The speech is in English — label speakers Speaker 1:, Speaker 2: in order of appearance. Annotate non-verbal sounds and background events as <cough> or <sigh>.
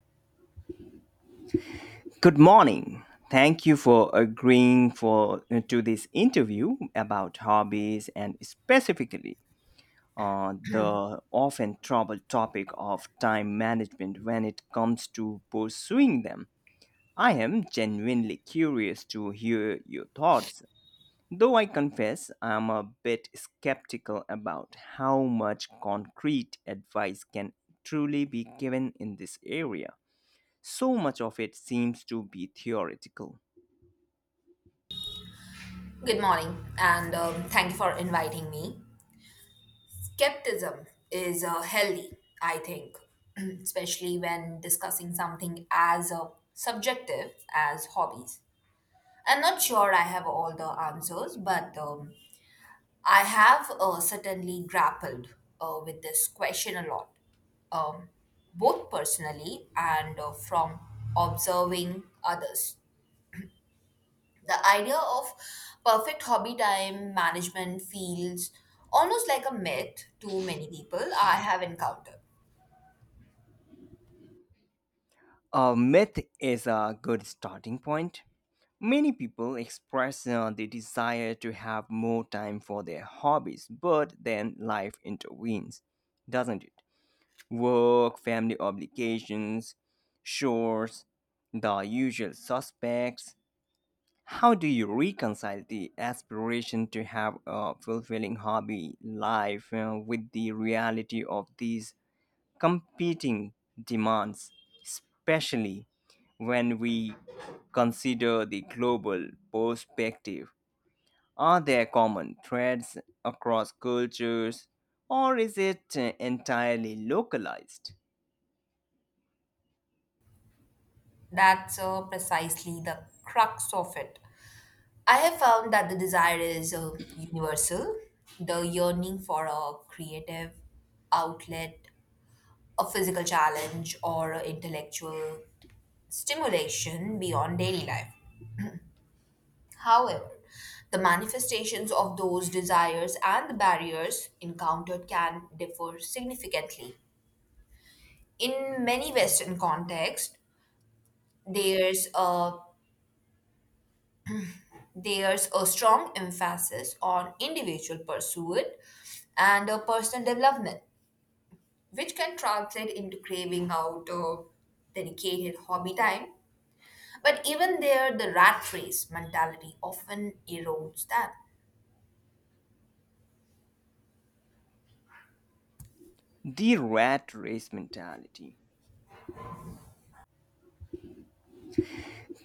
Speaker 1: Good morning. Thank you for agreeing for to this interview about hobbies and specifically on the often troubled topic of time management when it comes to pursuing them. I am genuinely curious to hear your thoughts. Though I confess I'm a bit skeptical about how much concrete advice can truly be given in this area. So much of it seems to be theoretical.
Speaker 2: Good morning, and thank you for inviting me. Skepticism is healthy, I think, <clears throat> especially when discussing something as subjective as hobbies. I'm not sure I have all the answers, but I have certainly grappled with this question a lot, um, both personally and from observing others. The idea of perfect hobby time management feels almost like a myth to many people I have encountered.
Speaker 1: A myth is a good starting point. Many people express the desire to have more time for their hobbies, but then life intervenes, doesn't it? Work, family obligations, chores, the usual suspects. How do you reconcile the aspiration to have a fulfilling hobby life with the reality of these competing demands, especially when we consider the global perspective. Are there common threads across cultures, or is it entirely localized?
Speaker 2: That's precisely the crux of it. I have found that the desire is universal, the yearning for a creative outlet, a physical challenge, or a intellectual stimulation beyond daily life. However, the manifestations of those desires and the barriers encountered can differ significantly. In many Western contexts, there's a there's a strong emphasis on individual pursuit and a personal development, which can translate into craving out dedicated hobby time. But even there, the rat race mentality often erodes that.
Speaker 1: The rat race mentality.